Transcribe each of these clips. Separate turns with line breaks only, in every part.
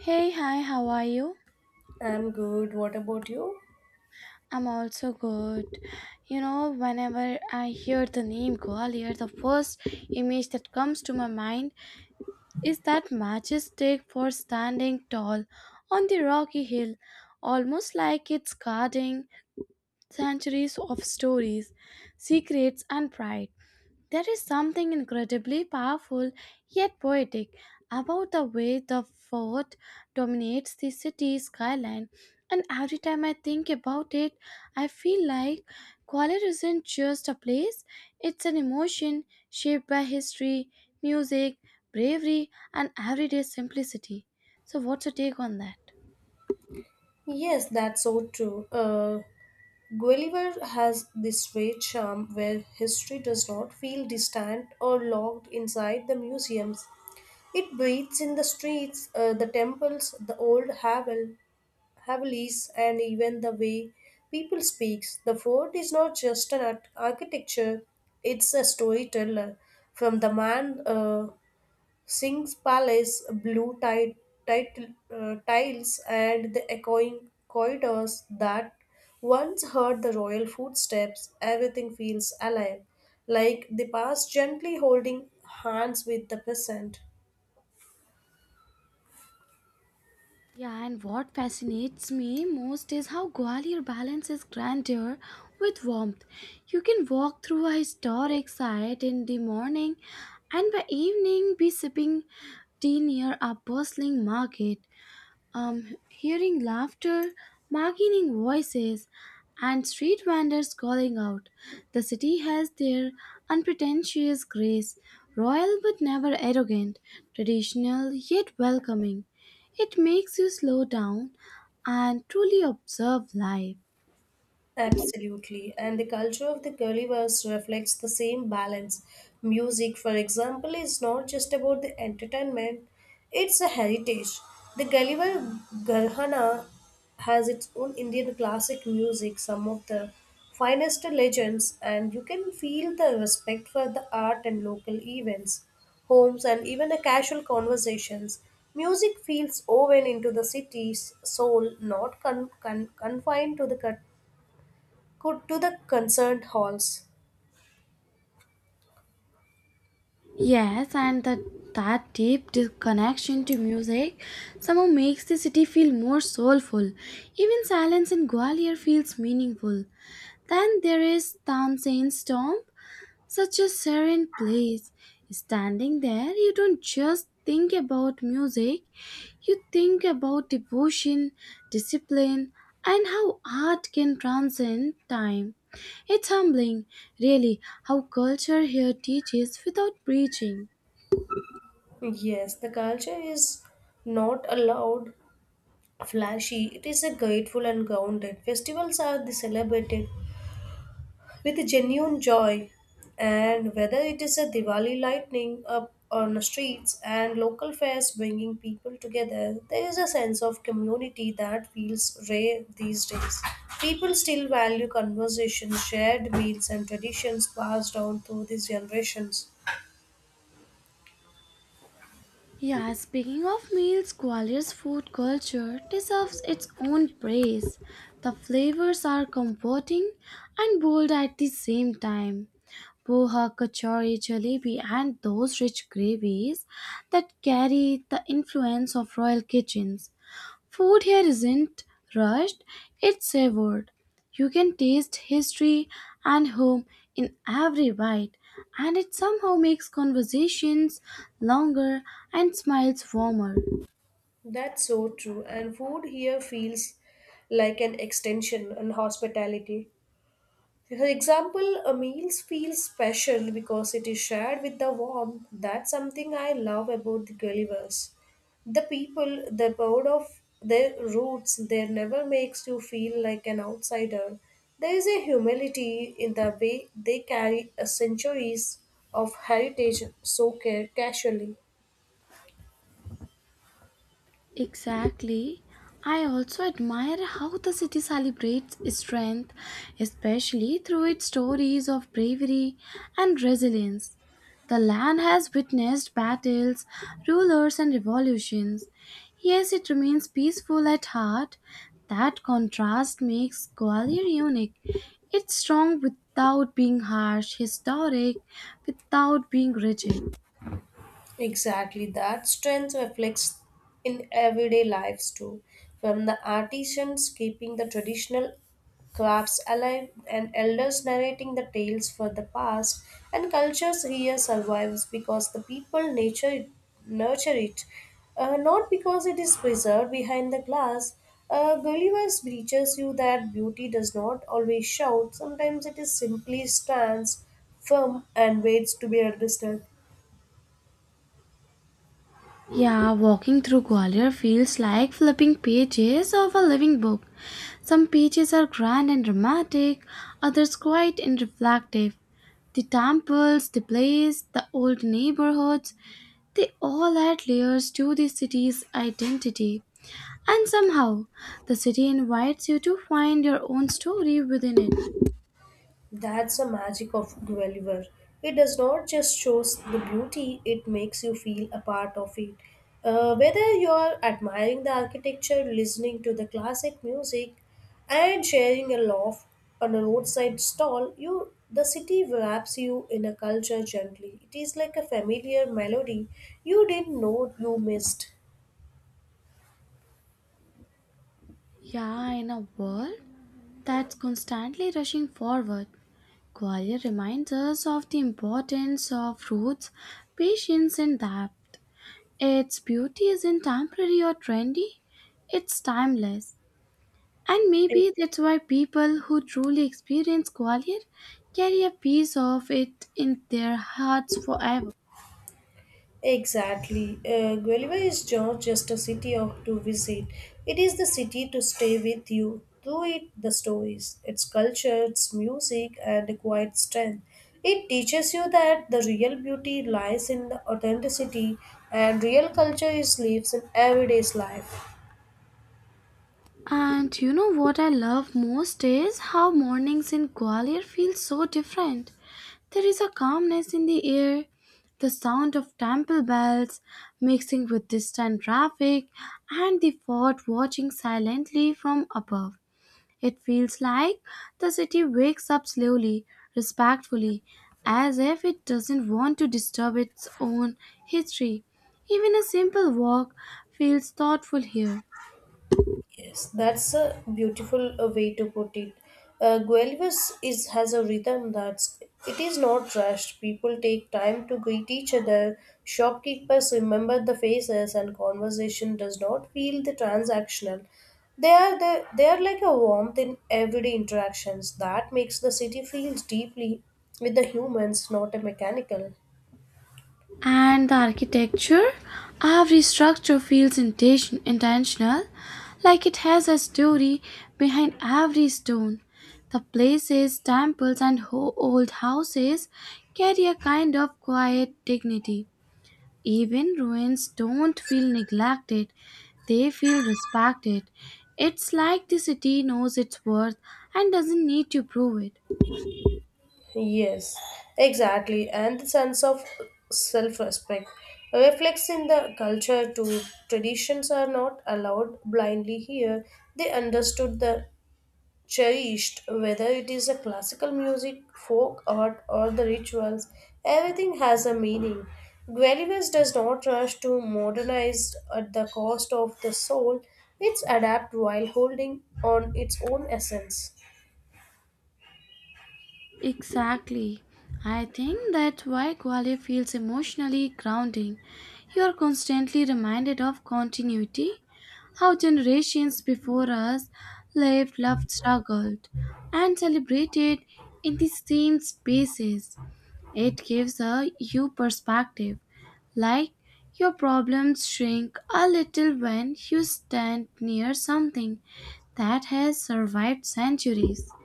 Hey, hi, how are you?
I'm good. What about you?
I'm also good. You know, whenever I hear the name Gwalior, the first image that comes to my mind is that majestic fort standing tall on the rocky hill, almost like it's guarding centuries of stories, secrets, and pride. There is something incredibly powerful yet poetic about the way the fort dominates the city skyline, and every time I think about it, I feel like Gwalior isn't just a place, it's an emotion shaped by history, music, bravery, and everyday simplicity. So, what's your take on that?
Yes, that's so true. Gulliver has this rare charm where history does not feel distant or locked inside the museums. It breathes in the streets, the temples, the old havelis, and even the way people speaks. The fort is not just an architecture; it's a storyteller. From the man Singh's palace, blue tide, tiles, and the echoing corridors that once heard the royal footsteps, everything feels alive, like the past gently holding hands with the present.
Yeah, and what fascinates me most is how Gwalior balances grandeur with warmth. You can walk through a historic site in the morning and by evening be sipping tea near a bustling market. Hearing laughter, bargaining voices, and street vendors calling out. The city has their unpretentious grace, royal but never arrogant, traditional yet welcoming. It makes you slow down and truly observe life.
Absolutely. And the culture of the Gulliver's reflects the same balance. Music, for example, is not just about the entertainment, it's a heritage. The Gulliver Garhana has its own Indian classic music, some of the finest legends, and you can feel the respect for the art and local events, homes, and even the casual conversations. Music feels woven into the city's soul, not confined to the cut. Go to the concert halls.
Yes, and that connection to music somehow makes the city feel more soulful. Even silence in Gwalior feels meaningful. Then there is Tansin's tomb, such a serene place. Standing there, you don't just think about music, you think about devotion, discipline, and how art can transcend time. It's humbling, really, how culture here teaches without preaching.
Yes, the culture is not a loud, flashy. It is a grateful and grounded. Festivals are the celebrated with genuine joy, and whether it is a Diwali lightning up on the streets and local fairs bringing people together, there is a sense of community that feels rare these days. People still value conversations, shared meals, and traditions passed down through these generations.
Yeah, speaking of meals, Gwalior's food culture deserves its own praise. The flavors are comforting and bold at the same time. Poha, kachori, jalebi, and those rich gravies that carry the influence of royal kitchens. Food here isn't rushed, it's savored. You can taste history and home in every bite, and it somehow makes conversations longer and smiles warmer.
That's so true. And food here feels like an extension and hospitality. For example, a meal feels special because it is shared with the warmth. That's something I love about the Gullivers. The people, the proud of their roots, they never makes you feel like an outsider. There is a humility in the way they carry a centuries of heritage so care casually.
Exactly. I also admire how the city celebrates strength, especially through its stories of bravery and resilience. The land has witnessed battles, rulers, and revolutions. Yes, it remains peaceful at heart. That contrast makes Gwalior unique. It's strong without being harsh, historic without being rigid.
Exactly, that strength reflects in everyday lives too, from the artisans keeping the traditional crafts alive and elders narrating the tales for the past and cultures here survives because the people nature nurture it, not because it is preserved behind the glass. Gulliver's teaches you that beauty does not always shout, sometimes it is simply stands firm and waits to be understood.
Yeah, walking through Gwalior feels like flipping pages of a living book. Some pages are grand and dramatic, others quiet and reflective. The temples, the place, the old neighborhoods, they all add layers to the city's identity. And somehow, the city invites you to find your own story within it.
That's the magic of Guinevere. It does not just show the beauty, it makes you feel a part of it. Whether you're admiring the architecture, listening to the classic music, and sharing a laugh on a roadside stall, you the city wraps you in a culture gently. It is like a familiar melody you didn't know you missed.
Yeah, in a world that's constantly rushing forward. Gwalior reminds us of the importance of roots, patience, and depth. Its beauty isn't temporary or trendy, it's timeless. And maybe that's why people who truly experience Gwalior carry a piece of it in their hearts forever.
Exactly. Guelva is not just a city of, to visit, it is the city to stay with you. Through it, the stories, its culture, its music, and the quiet strength. It teaches you that the real beauty lies in the authenticity, and real culture is lives in everyday's life.
And you know what I love most is how mornings in Gwalior feel so different. There is a calmness in the air, the sound of temple bells mixing with distant traffic, and the fort watching silently from above. It feels like the city wakes up slowly, respectfully, as if it doesn't want to disturb its own history. Even a simple walk feels thoughtful here.
Yes, that's a beautiful way to put it. Guelvis is has a rhythm that's it is not rushed. People take time to greet each other. Shopkeepers remember the faces, and conversation does not feel the transactional. They are like a warmth in everyday interactions that makes the city feels deeply with the humans, not a mechanical.
And the architecture, every structure feels intentional, like it has a story behind every stone. The places, temples, and old houses carry a kind of quiet dignity. Even ruins don't feel neglected, they feel respected. It's like the city knows its worth and doesn't need to prove it.
Yes, exactly. And the sense of self respect reflects in the culture too. Traditions are not allowed blindly here. They understood the cherished, whether it is a classical music, folk art, or the rituals, everything has a meaning. Guelibas does not rush to modernize at the cost of the soul, it's adapt while holding on its own essence.
Exactly. I think that's why Gwalior feels emotionally grounding. You are constantly reminded of continuity, how generations before us lived, loved, struggled, and celebrated in the same spaces. It gives a you perspective, like your problems shrink a little when you stand near something that has survived centuries.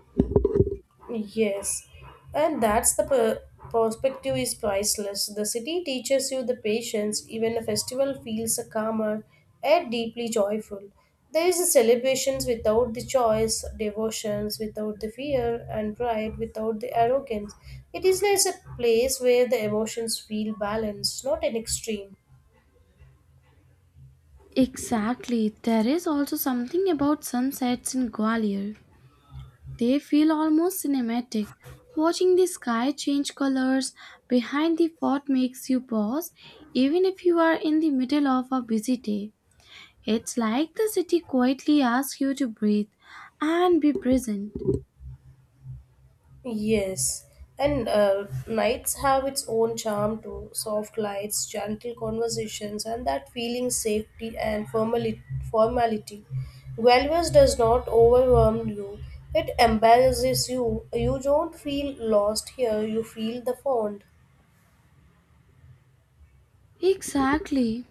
Yes, and that's perspective is priceless. The city teaches you the patience, even a festival feels calmer and deeply joyful. There is a celebrations without the choice, devotions without the fear, and pride without the arrogance. It is like a place where the emotions feel balanced, not an extreme.
Exactly. There is also something about sunsets in Gwalior. They feel almost cinematic. Watching the sky change colors behind the fort makes you pause, even if you are in the middle of a busy day. It's like the city quietly asks you to breathe and be present.
Yes, and nights have its own charm too. Soft lights, gentle conversations, and that feeling safety and formality. Guelvas does not overwhelm you. It embarrasses you. You don't feel lost here. You feel the fond.
Exactly.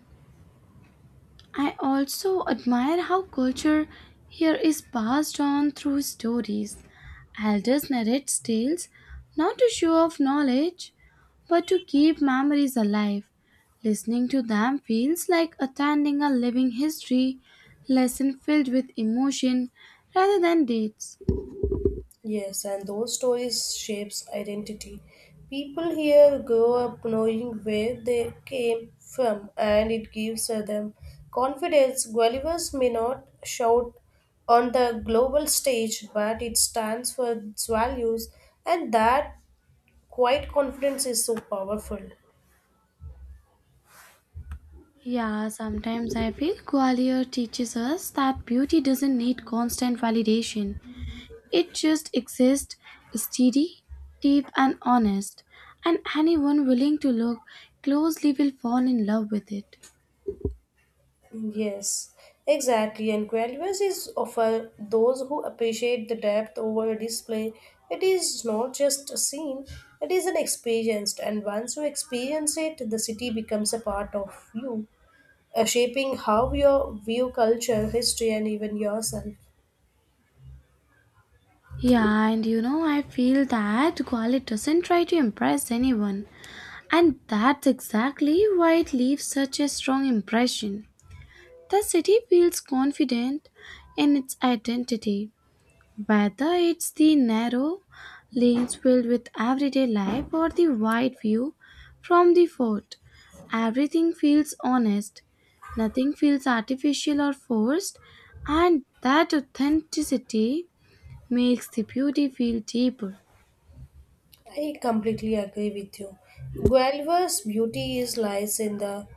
I also admire how culture here is passed on through stories. Elders narrate tales not to show off knowledge, but to keep memories alive. Listening to them feels like attending a living history lesson filled with emotion rather than dates.
Yes, and those stories shapes identity. People here grow up knowing where they came from, and it gives them confidence. Gullivers may not shout on the global stage, but it stands for its values, and that quiet confidence is so powerful.
Yeah, sometimes I feel Gwalior teaches us that beauty doesn't need constant validation. It just exists, steady, deep, and honest, and anyone willing to look closely will fall in love with it.
Yes, exactly. And graduates is offer those who appreciate the depth over a display. It is not just a scene, it is an experience. And once you experience it, the city becomes a part of you, shaping how you view culture, history, and even yourself.
Yeah, and you know, I feel that Gwali doesn't try to impress anyone, and that's exactly why it leaves such a strong impression. The city feels confident in its identity. Whether it's the narrow lanes filled with everyday life or the wide view from the fort, everything feels honest. Nothing feels artificial or forced, and that authenticity makes the beauty feel deeper.
I completely agree with you. Guelva's beauty is lies in the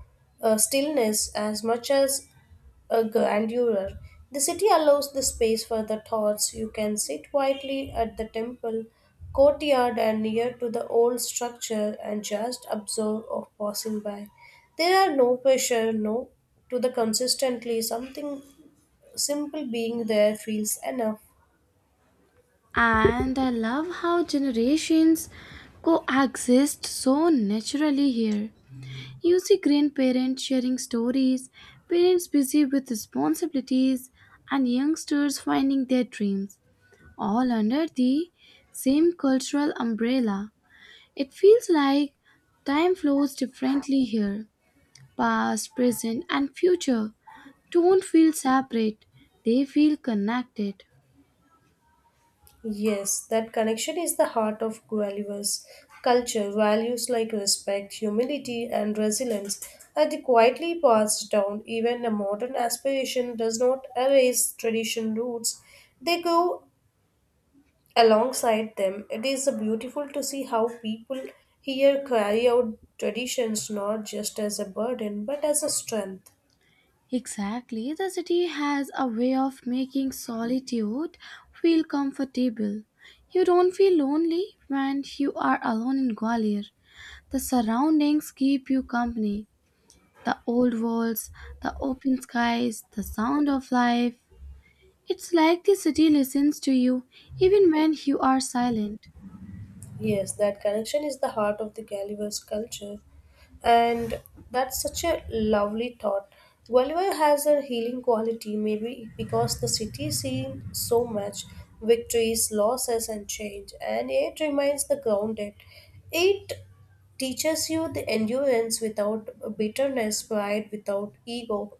stillness as much as a grandeur. The city allows the space for the thoughts. You can sit quietly at the temple courtyard and near to the old structure and just observe of passing by. There are no pressure, no to the consistently something simple being there feels enough.
And I love how generations coexist so naturally here. You see grandparents sharing stories, parents busy with responsibilities, and youngsters finding their dreams, all under the same cultural umbrella. It feels like time flows differently here. Past, present, and future don't feel separate, they feel connected.
Yes, that connection is the heart of Gullivers. Culture, values like respect, humility, and resilience are the quietly passed down. Even a modern aspiration does not erase tradition roots, they grow alongside them. It is beautiful to see how people here carry out traditions not just as a burden but as a strength.
Exactly, the city has a way of making solitude feel comfortable. You don't feel lonely when you are alone in Gwalior. The surroundings keep you company. The old walls, the open skies, the sound of life. It's like the city listens to you even when you are silent.
Yes, that connection is the heart of the Gulliver's culture, and that's such a lovely thought. Gulliver has a healing quality, maybe because the city seen so much victories, losses, and change, and it remains the grounded. It teaches you the endurance without bitterness, pride without ego.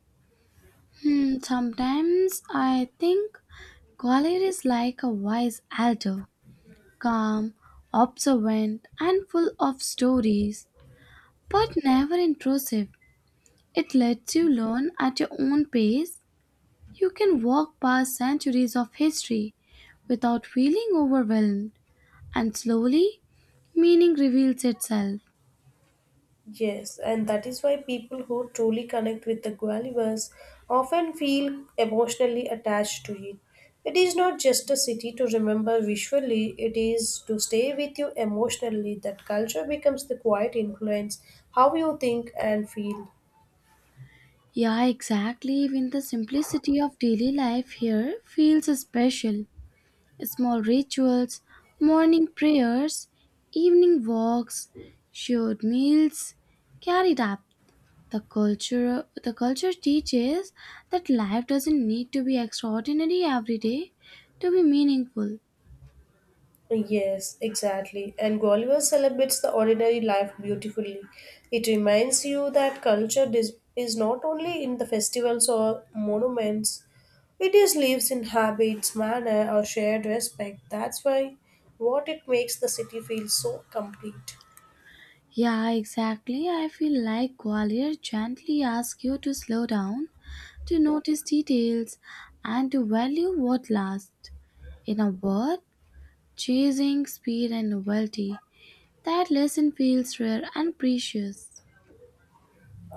Sometimes I think Gwalior is like a wise elder, calm, observant, and full of stories, but never intrusive. It lets you learn at your own pace. You can walk past centuries of history without feeling overwhelmed, and slowly, meaning reveals itself.
Yes, and that is why people who truly connect with the Guayabas often feel emotionally attached to it. It is not just a city to remember visually, it is to stay with you emotionally. That culture becomes the quiet influence how you think and feel.
Yeah, exactly. Even the simplicity of daily life here feels special. Small rituals, morning prayers, evening walks, shared meals, carried up. The culture teaches that life doesn't need to be extraordinary every day to be meaningful.
Yes, exactly. And Gwalior celebrates the ordinary life beautifully. It reminds you that culture is not only in the festivals or monuments, it is lives in habits, manner, or shared respect. That's why what it makes the city feel so complete.
Yeah, exactly. I feel like Gwalior gently asks you to slow down, to notice details, and to value what lasts. In a word, chasing speed and novelty. That lesson feels rare and precious.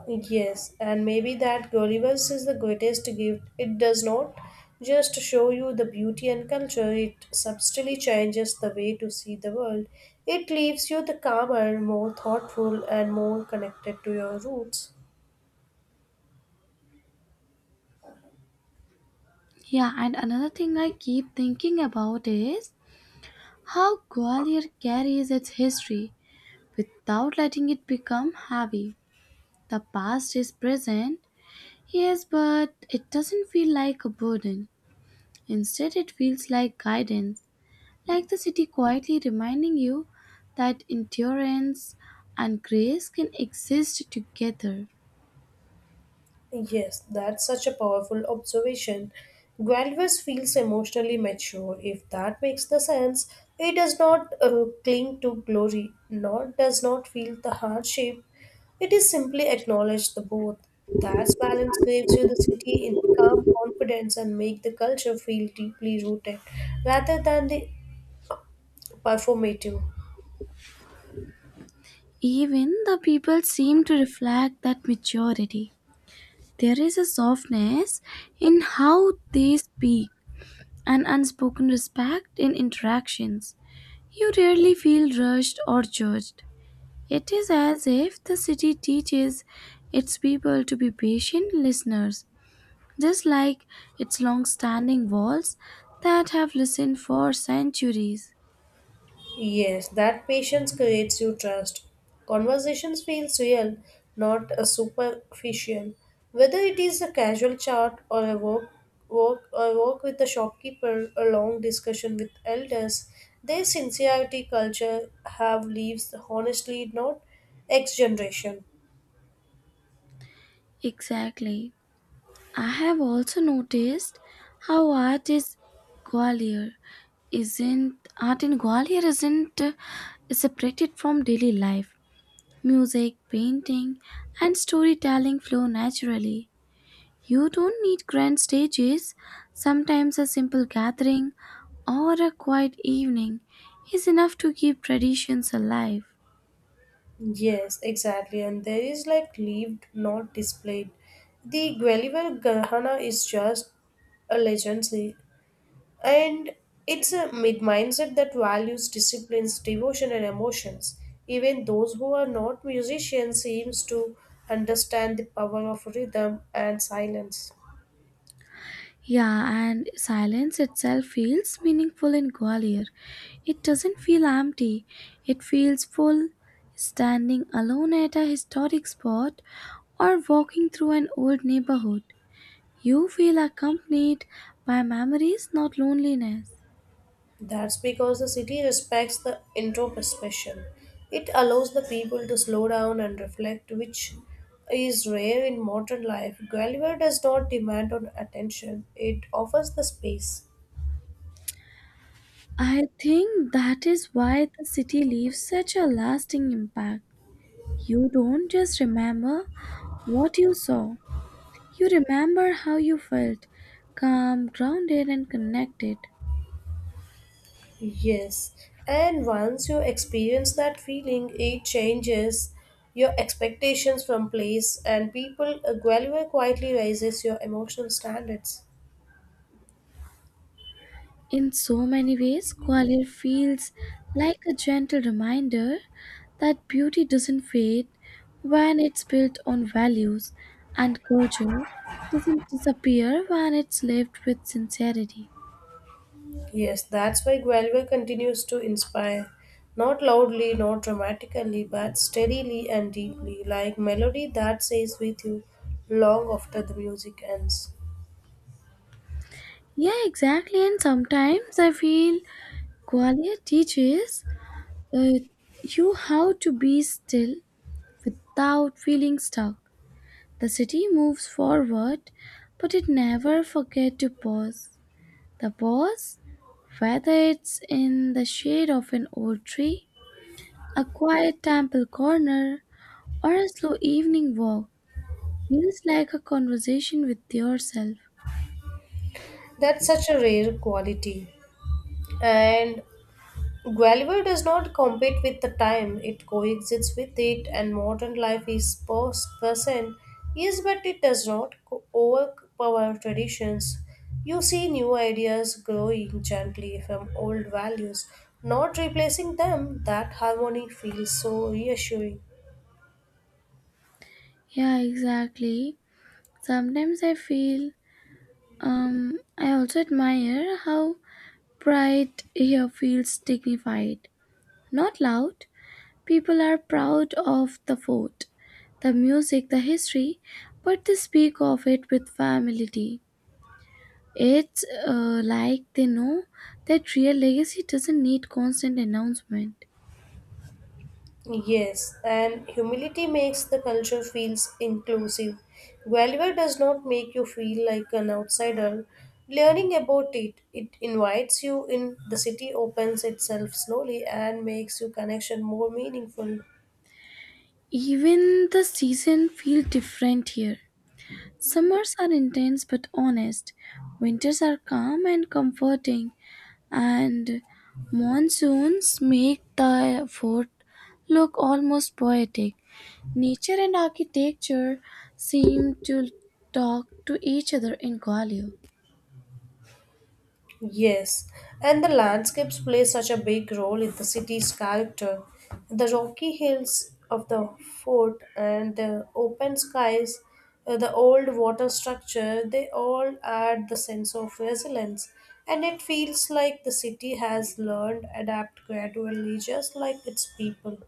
Yes, and maybe that Gullivers is the greatest gift. It does not just show you the beauty and culture, it subtly changes the way to see the world. It leaves you the calmer, more thoughtful, and more connected to your roots.
Yeah, and another thing I keep thinking about is how Gwalior carries its history, without letting it become heavy. The past is present, yes, but it doesn't feel like a burden. Instead, it feels like guidance, like the city quietly reminding you that endurance and grace can exist together.
Yes, that's such a powerful observation. Guelvis feels emotionally mature. If that makes the sense, he does not cling to glory, nor does not feel the hardship. It is simply acknowledged the both. That balance gives you the city in calm confidence and make the culture feel deeply rooted, rather than the performative.
Even the people seem to reflect that maturity. There is a softness in how they speak, an unspoken respect in interactions. You rarely feel rushed or judged. It is as if the city teaches its people to be patient listeners, just like its long standing walls that have listened for centuries.
Yes, that patience creates you trust. Conversations feels real, not a superficial. Whether it is a casual chat or a work with the shopkeeper, a long discussion with elders, their sincerity culture have leaves honestly not X generation.
Exactly. I have also noticed how art is Gwalior isn't art in Gwalior isn't separated from daily life. Music, painting, and storytelling flow naturally. You don't need grand stages. Sometimes a simple gathering or a quiet evening is enough to keep traditions alive.
Yes, exactly. And there is like lived, not displayed. The Guelliver Garhana is just a legend. And it's a mid mindset that values disciplines, devotion, and emotions. Even those who are not musicians seems to understand the power of rhythm and silence.
Yeah, and silence itself feels meaningful in Gwalior. It doesn't feel empty, it feels full. Standing alone at a historic spot or walking through an old neighborhood, you feel accompanied by memories, not loneliness.
That's because the city respects the introspection. It allows the people to slow down and reflect, which is rare in modern life. Guelver does not demand on attention; it offers the space.
I think that is why the city leaves such a lasting impact. You don't just remember what you saw, you remember how you felt, calm, grounded, and connected.
Yes, and once you experience that feeling, it changes your expectations from place and people. Guelva quietly raises your emotional standards.
In so many ways, Gwalior feels like a gentle reminder that beauty doesn't fade when it's built on values, and culture doesn't disappear when it's lived with sincerity.
Yes, that's why Guelva continues to inspire, not loudly, not dramatically, but steadily and deeply, like melody that stays with you long after the music ends.
Yeah, exactly. And sometimes I feel Qualia teaches uh, you how to be still without feeling stuck. The city moves forward, but it never forgets to pause. The pause, whether it's in the shade of an old tree, a quiet temple corner, or a slow evening walk, feels like a conversation with yourself.
That's such a rare quality. And Guelver does not compete with the time, it coexists with it, and modern life is present. Yes, but it does not overpower traditions. You see new ideas growing gently from old values, not replacing them. That harmony feels so reassuring.
Yeah, exactly. Sometimes I feel, I also admire how pride here feels dignified, not loud. People are proud of the fort, the music, the history, but they speak of it with familiarity. It's like they know that real legacy doesn't need constant announcement.
Yes, and humility makes the culture feels inclusive. Gulliver does not make you feel like an outsider. Learning about it, it invites you in. The city opens itself slowly and makes your connection more meaningful.
Even the season feel different here. Summers are intense but honest, winters are calm and comforting, and monsoons make the fort look almost poetic. Nature and architecture seem to talk to each other in Gwalior.
Yes, and the landscapes play such a big role in the city's character. The rocky hills of the fort and the open skies, the old water structure, they all add the sense of resilience. And it feels like the city has learned adapt gradually, just like its people.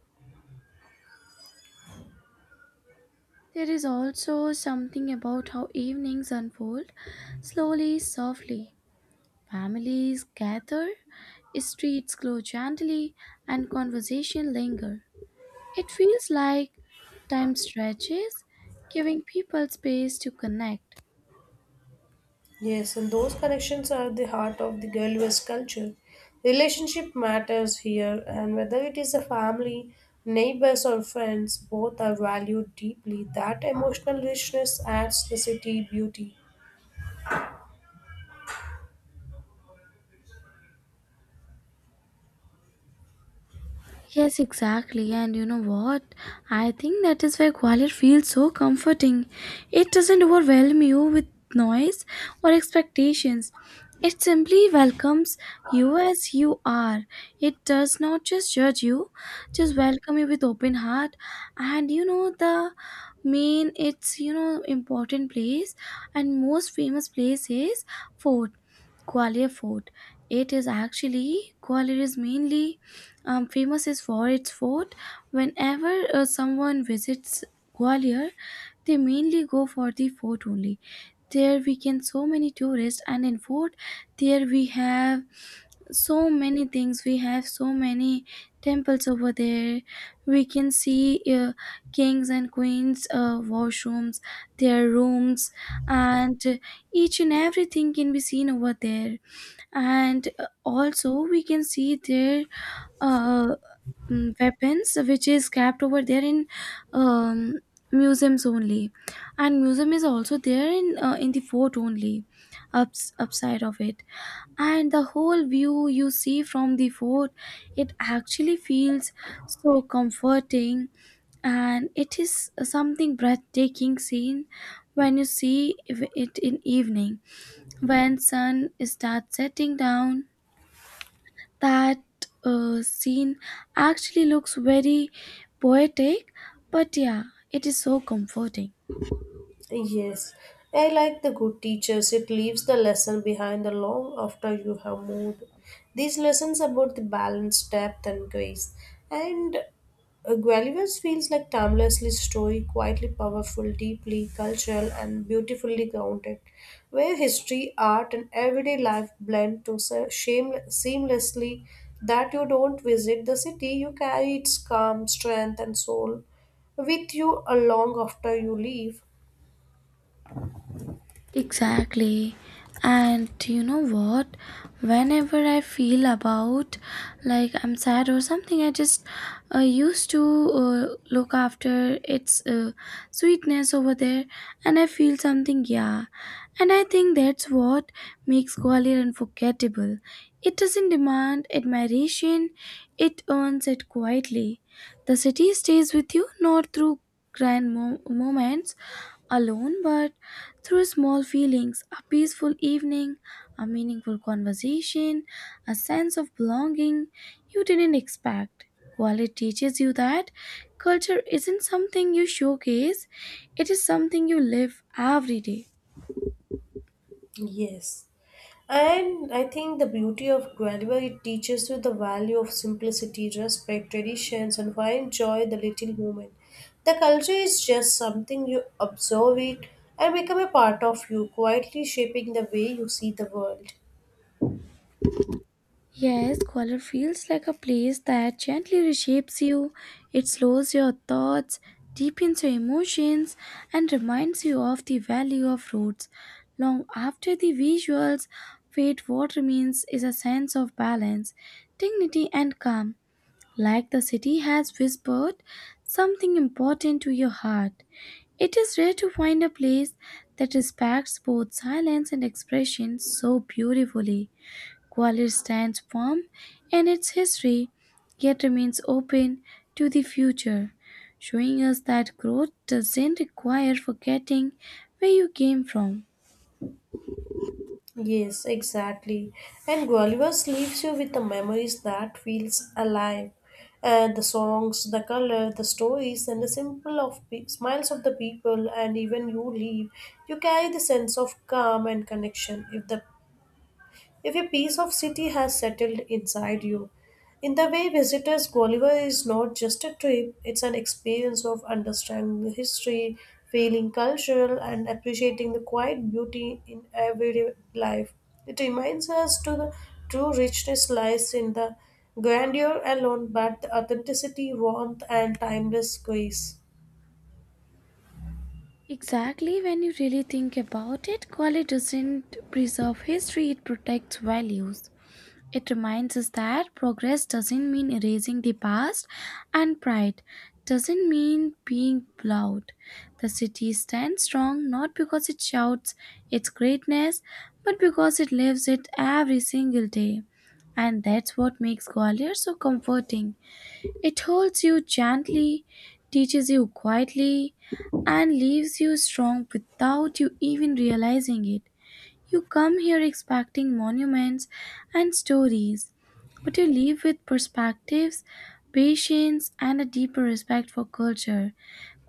There is also something about how evenings unfold slowly, softly. Families gather, streets glow gently, and conversation linger. It feels like time stretches, giving people space to connect.
Yes, and those connections are the heart of the Girl West culture. Relationship matters here, and whether it is a family, neighbors, or friends, both are valued deeply. That emotional richness adds the city beauty.
Yes, exactly. And you know what? I think that is why quiet feels so comforting. It doesn't overwhelm you with noise or expectations. It simply welcomes you as you are. It does not just judge you, just welcome you with open heart. And you know the main it's you know important place and most famous place is fort, Gwalior Fort. It is actually Gwalior is mainly famous is for its fort. Whenever someone visits Gwalior, they mainly go for the fort only. There we can so many tourists, and in fort there we have so many things. We have so many temples over there. We can see kings and queens' washrooms, their rooms, and each and everything can be seen over there. And also we can see their uh, weapons which is kept over there in um, museums only, and museum is also there in the fort only, upside of it, and the whole view you see from the fort, it actually feels so comforting, and it is something breathtaking scene when you see it in evening when sun starts setting down. That scene actually looks very poetic, but yeah, it is so comforting.
Yes, I like the good teachers. It leaves the lesson behind the long after you have moved. These lessons about the balance, depth, and grace. And Gullivers feels like timelessly story, quietly powerful, deeply cultural, and beautifully grounded, where history, art, and everyday life blend to seamlessly. That you don't visit the city, you carry its calm, strength, and soul with you along after you leave.
Exactly. And you know what? Whenever I feel about like I'm sad or something, I just used to look after its sweetness over there, and I feel something, yeah. And I think that's what makes Gwalior unforgettable. It doesn't demand admiration, it earns it quietly. The city stays with you not through grand moments alone, but through small feelings, a peaceful evening, a meaningful conversation, a sense of belonging you didn't expect. Quality teaches you that culture isn't something you showcase, it is something you live every day.
Yes. And I think the beauty of Guelva, it teaches you the value of simplicity, respect, traditions, and why enjoy the little moment. The culture is just something you observe it and become a part of you, quietly shaping the way you see the world.
Yes, color feels like a place that gently reshapes you. It slows your thoughts, deepens your emotions, and reminds you of the value of roots. Long after the visuals fade, what remains is a sense of balance, dignity, and calm. Like the city has whispered something important to your heart. It is rare to find a place that respects both silence and expression so beautifully. Gwalior stands firm in its history, yet remains open to the future, showing us that growth doesn't require forgetting where you came from.
Yes, exactly. And Gwalior leaves you with the memories that feels alive. And the songs, the color, the stories, and the smiles of the people, and even you leave, you carry the sense of calm and connection. If a piece of city has settled inside you, in the way visitors Gulliver is not just a trip, it's an experience of understanding the history, feeling cultural and appreciating the quiet beauty in everyday life. It reminds us to the true richness lies in the grandeur alone but the authenticity, warmth and timeless grace.
Exactly, when you really think about it, college doesn't preserve history, it protects values. It reminds us that progress doesn't mean erasing the past, and pride doesn't mean being loud. The city stands strong not because it shouts its greatness, but because it lives it every single day. And that's what makes Gwalior so comforting. It holds you gently, teaches you quietly, and leaves you strong without you even realizing it. You come here expecting monuments and stories, but you leave with perspectives, patience, and a deeper respect for culture.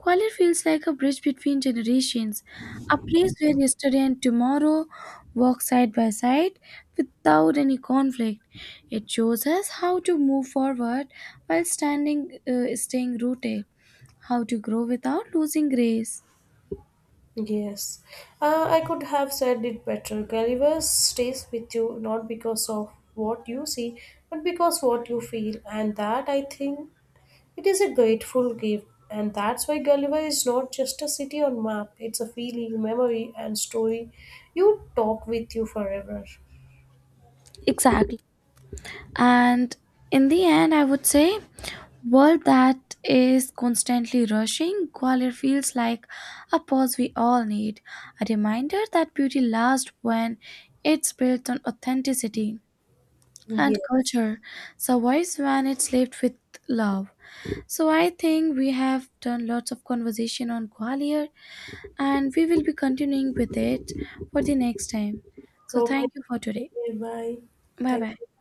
Kuala feels like a bridge between generations, a place where yesterday and tomorrow walk side by side without any conflict. It shows us how to move forward while staying rooted, how to grow without losing grace.
Yes, I could have said it better. Gulliver stays with you not because of what you see, but because what you feel, and that I think it is a grateful gift. And that's why Gulliver is not just a city on map; it's a feeling, memory, and story. You talk with you forever.
Exactly. And in the end, I would say world that is constantly rushing, Gwalior feels like a pause we all need, a reminder that beauty lasts when it's built on authenticity and
Yes.
culture, survives when it's lived with love. So I think we have done lots of conversation on Gwalior and we will be continuing with it for the next time. So
Okay.
thank you for today.
Bye.
Bye
Thank
bye.
you.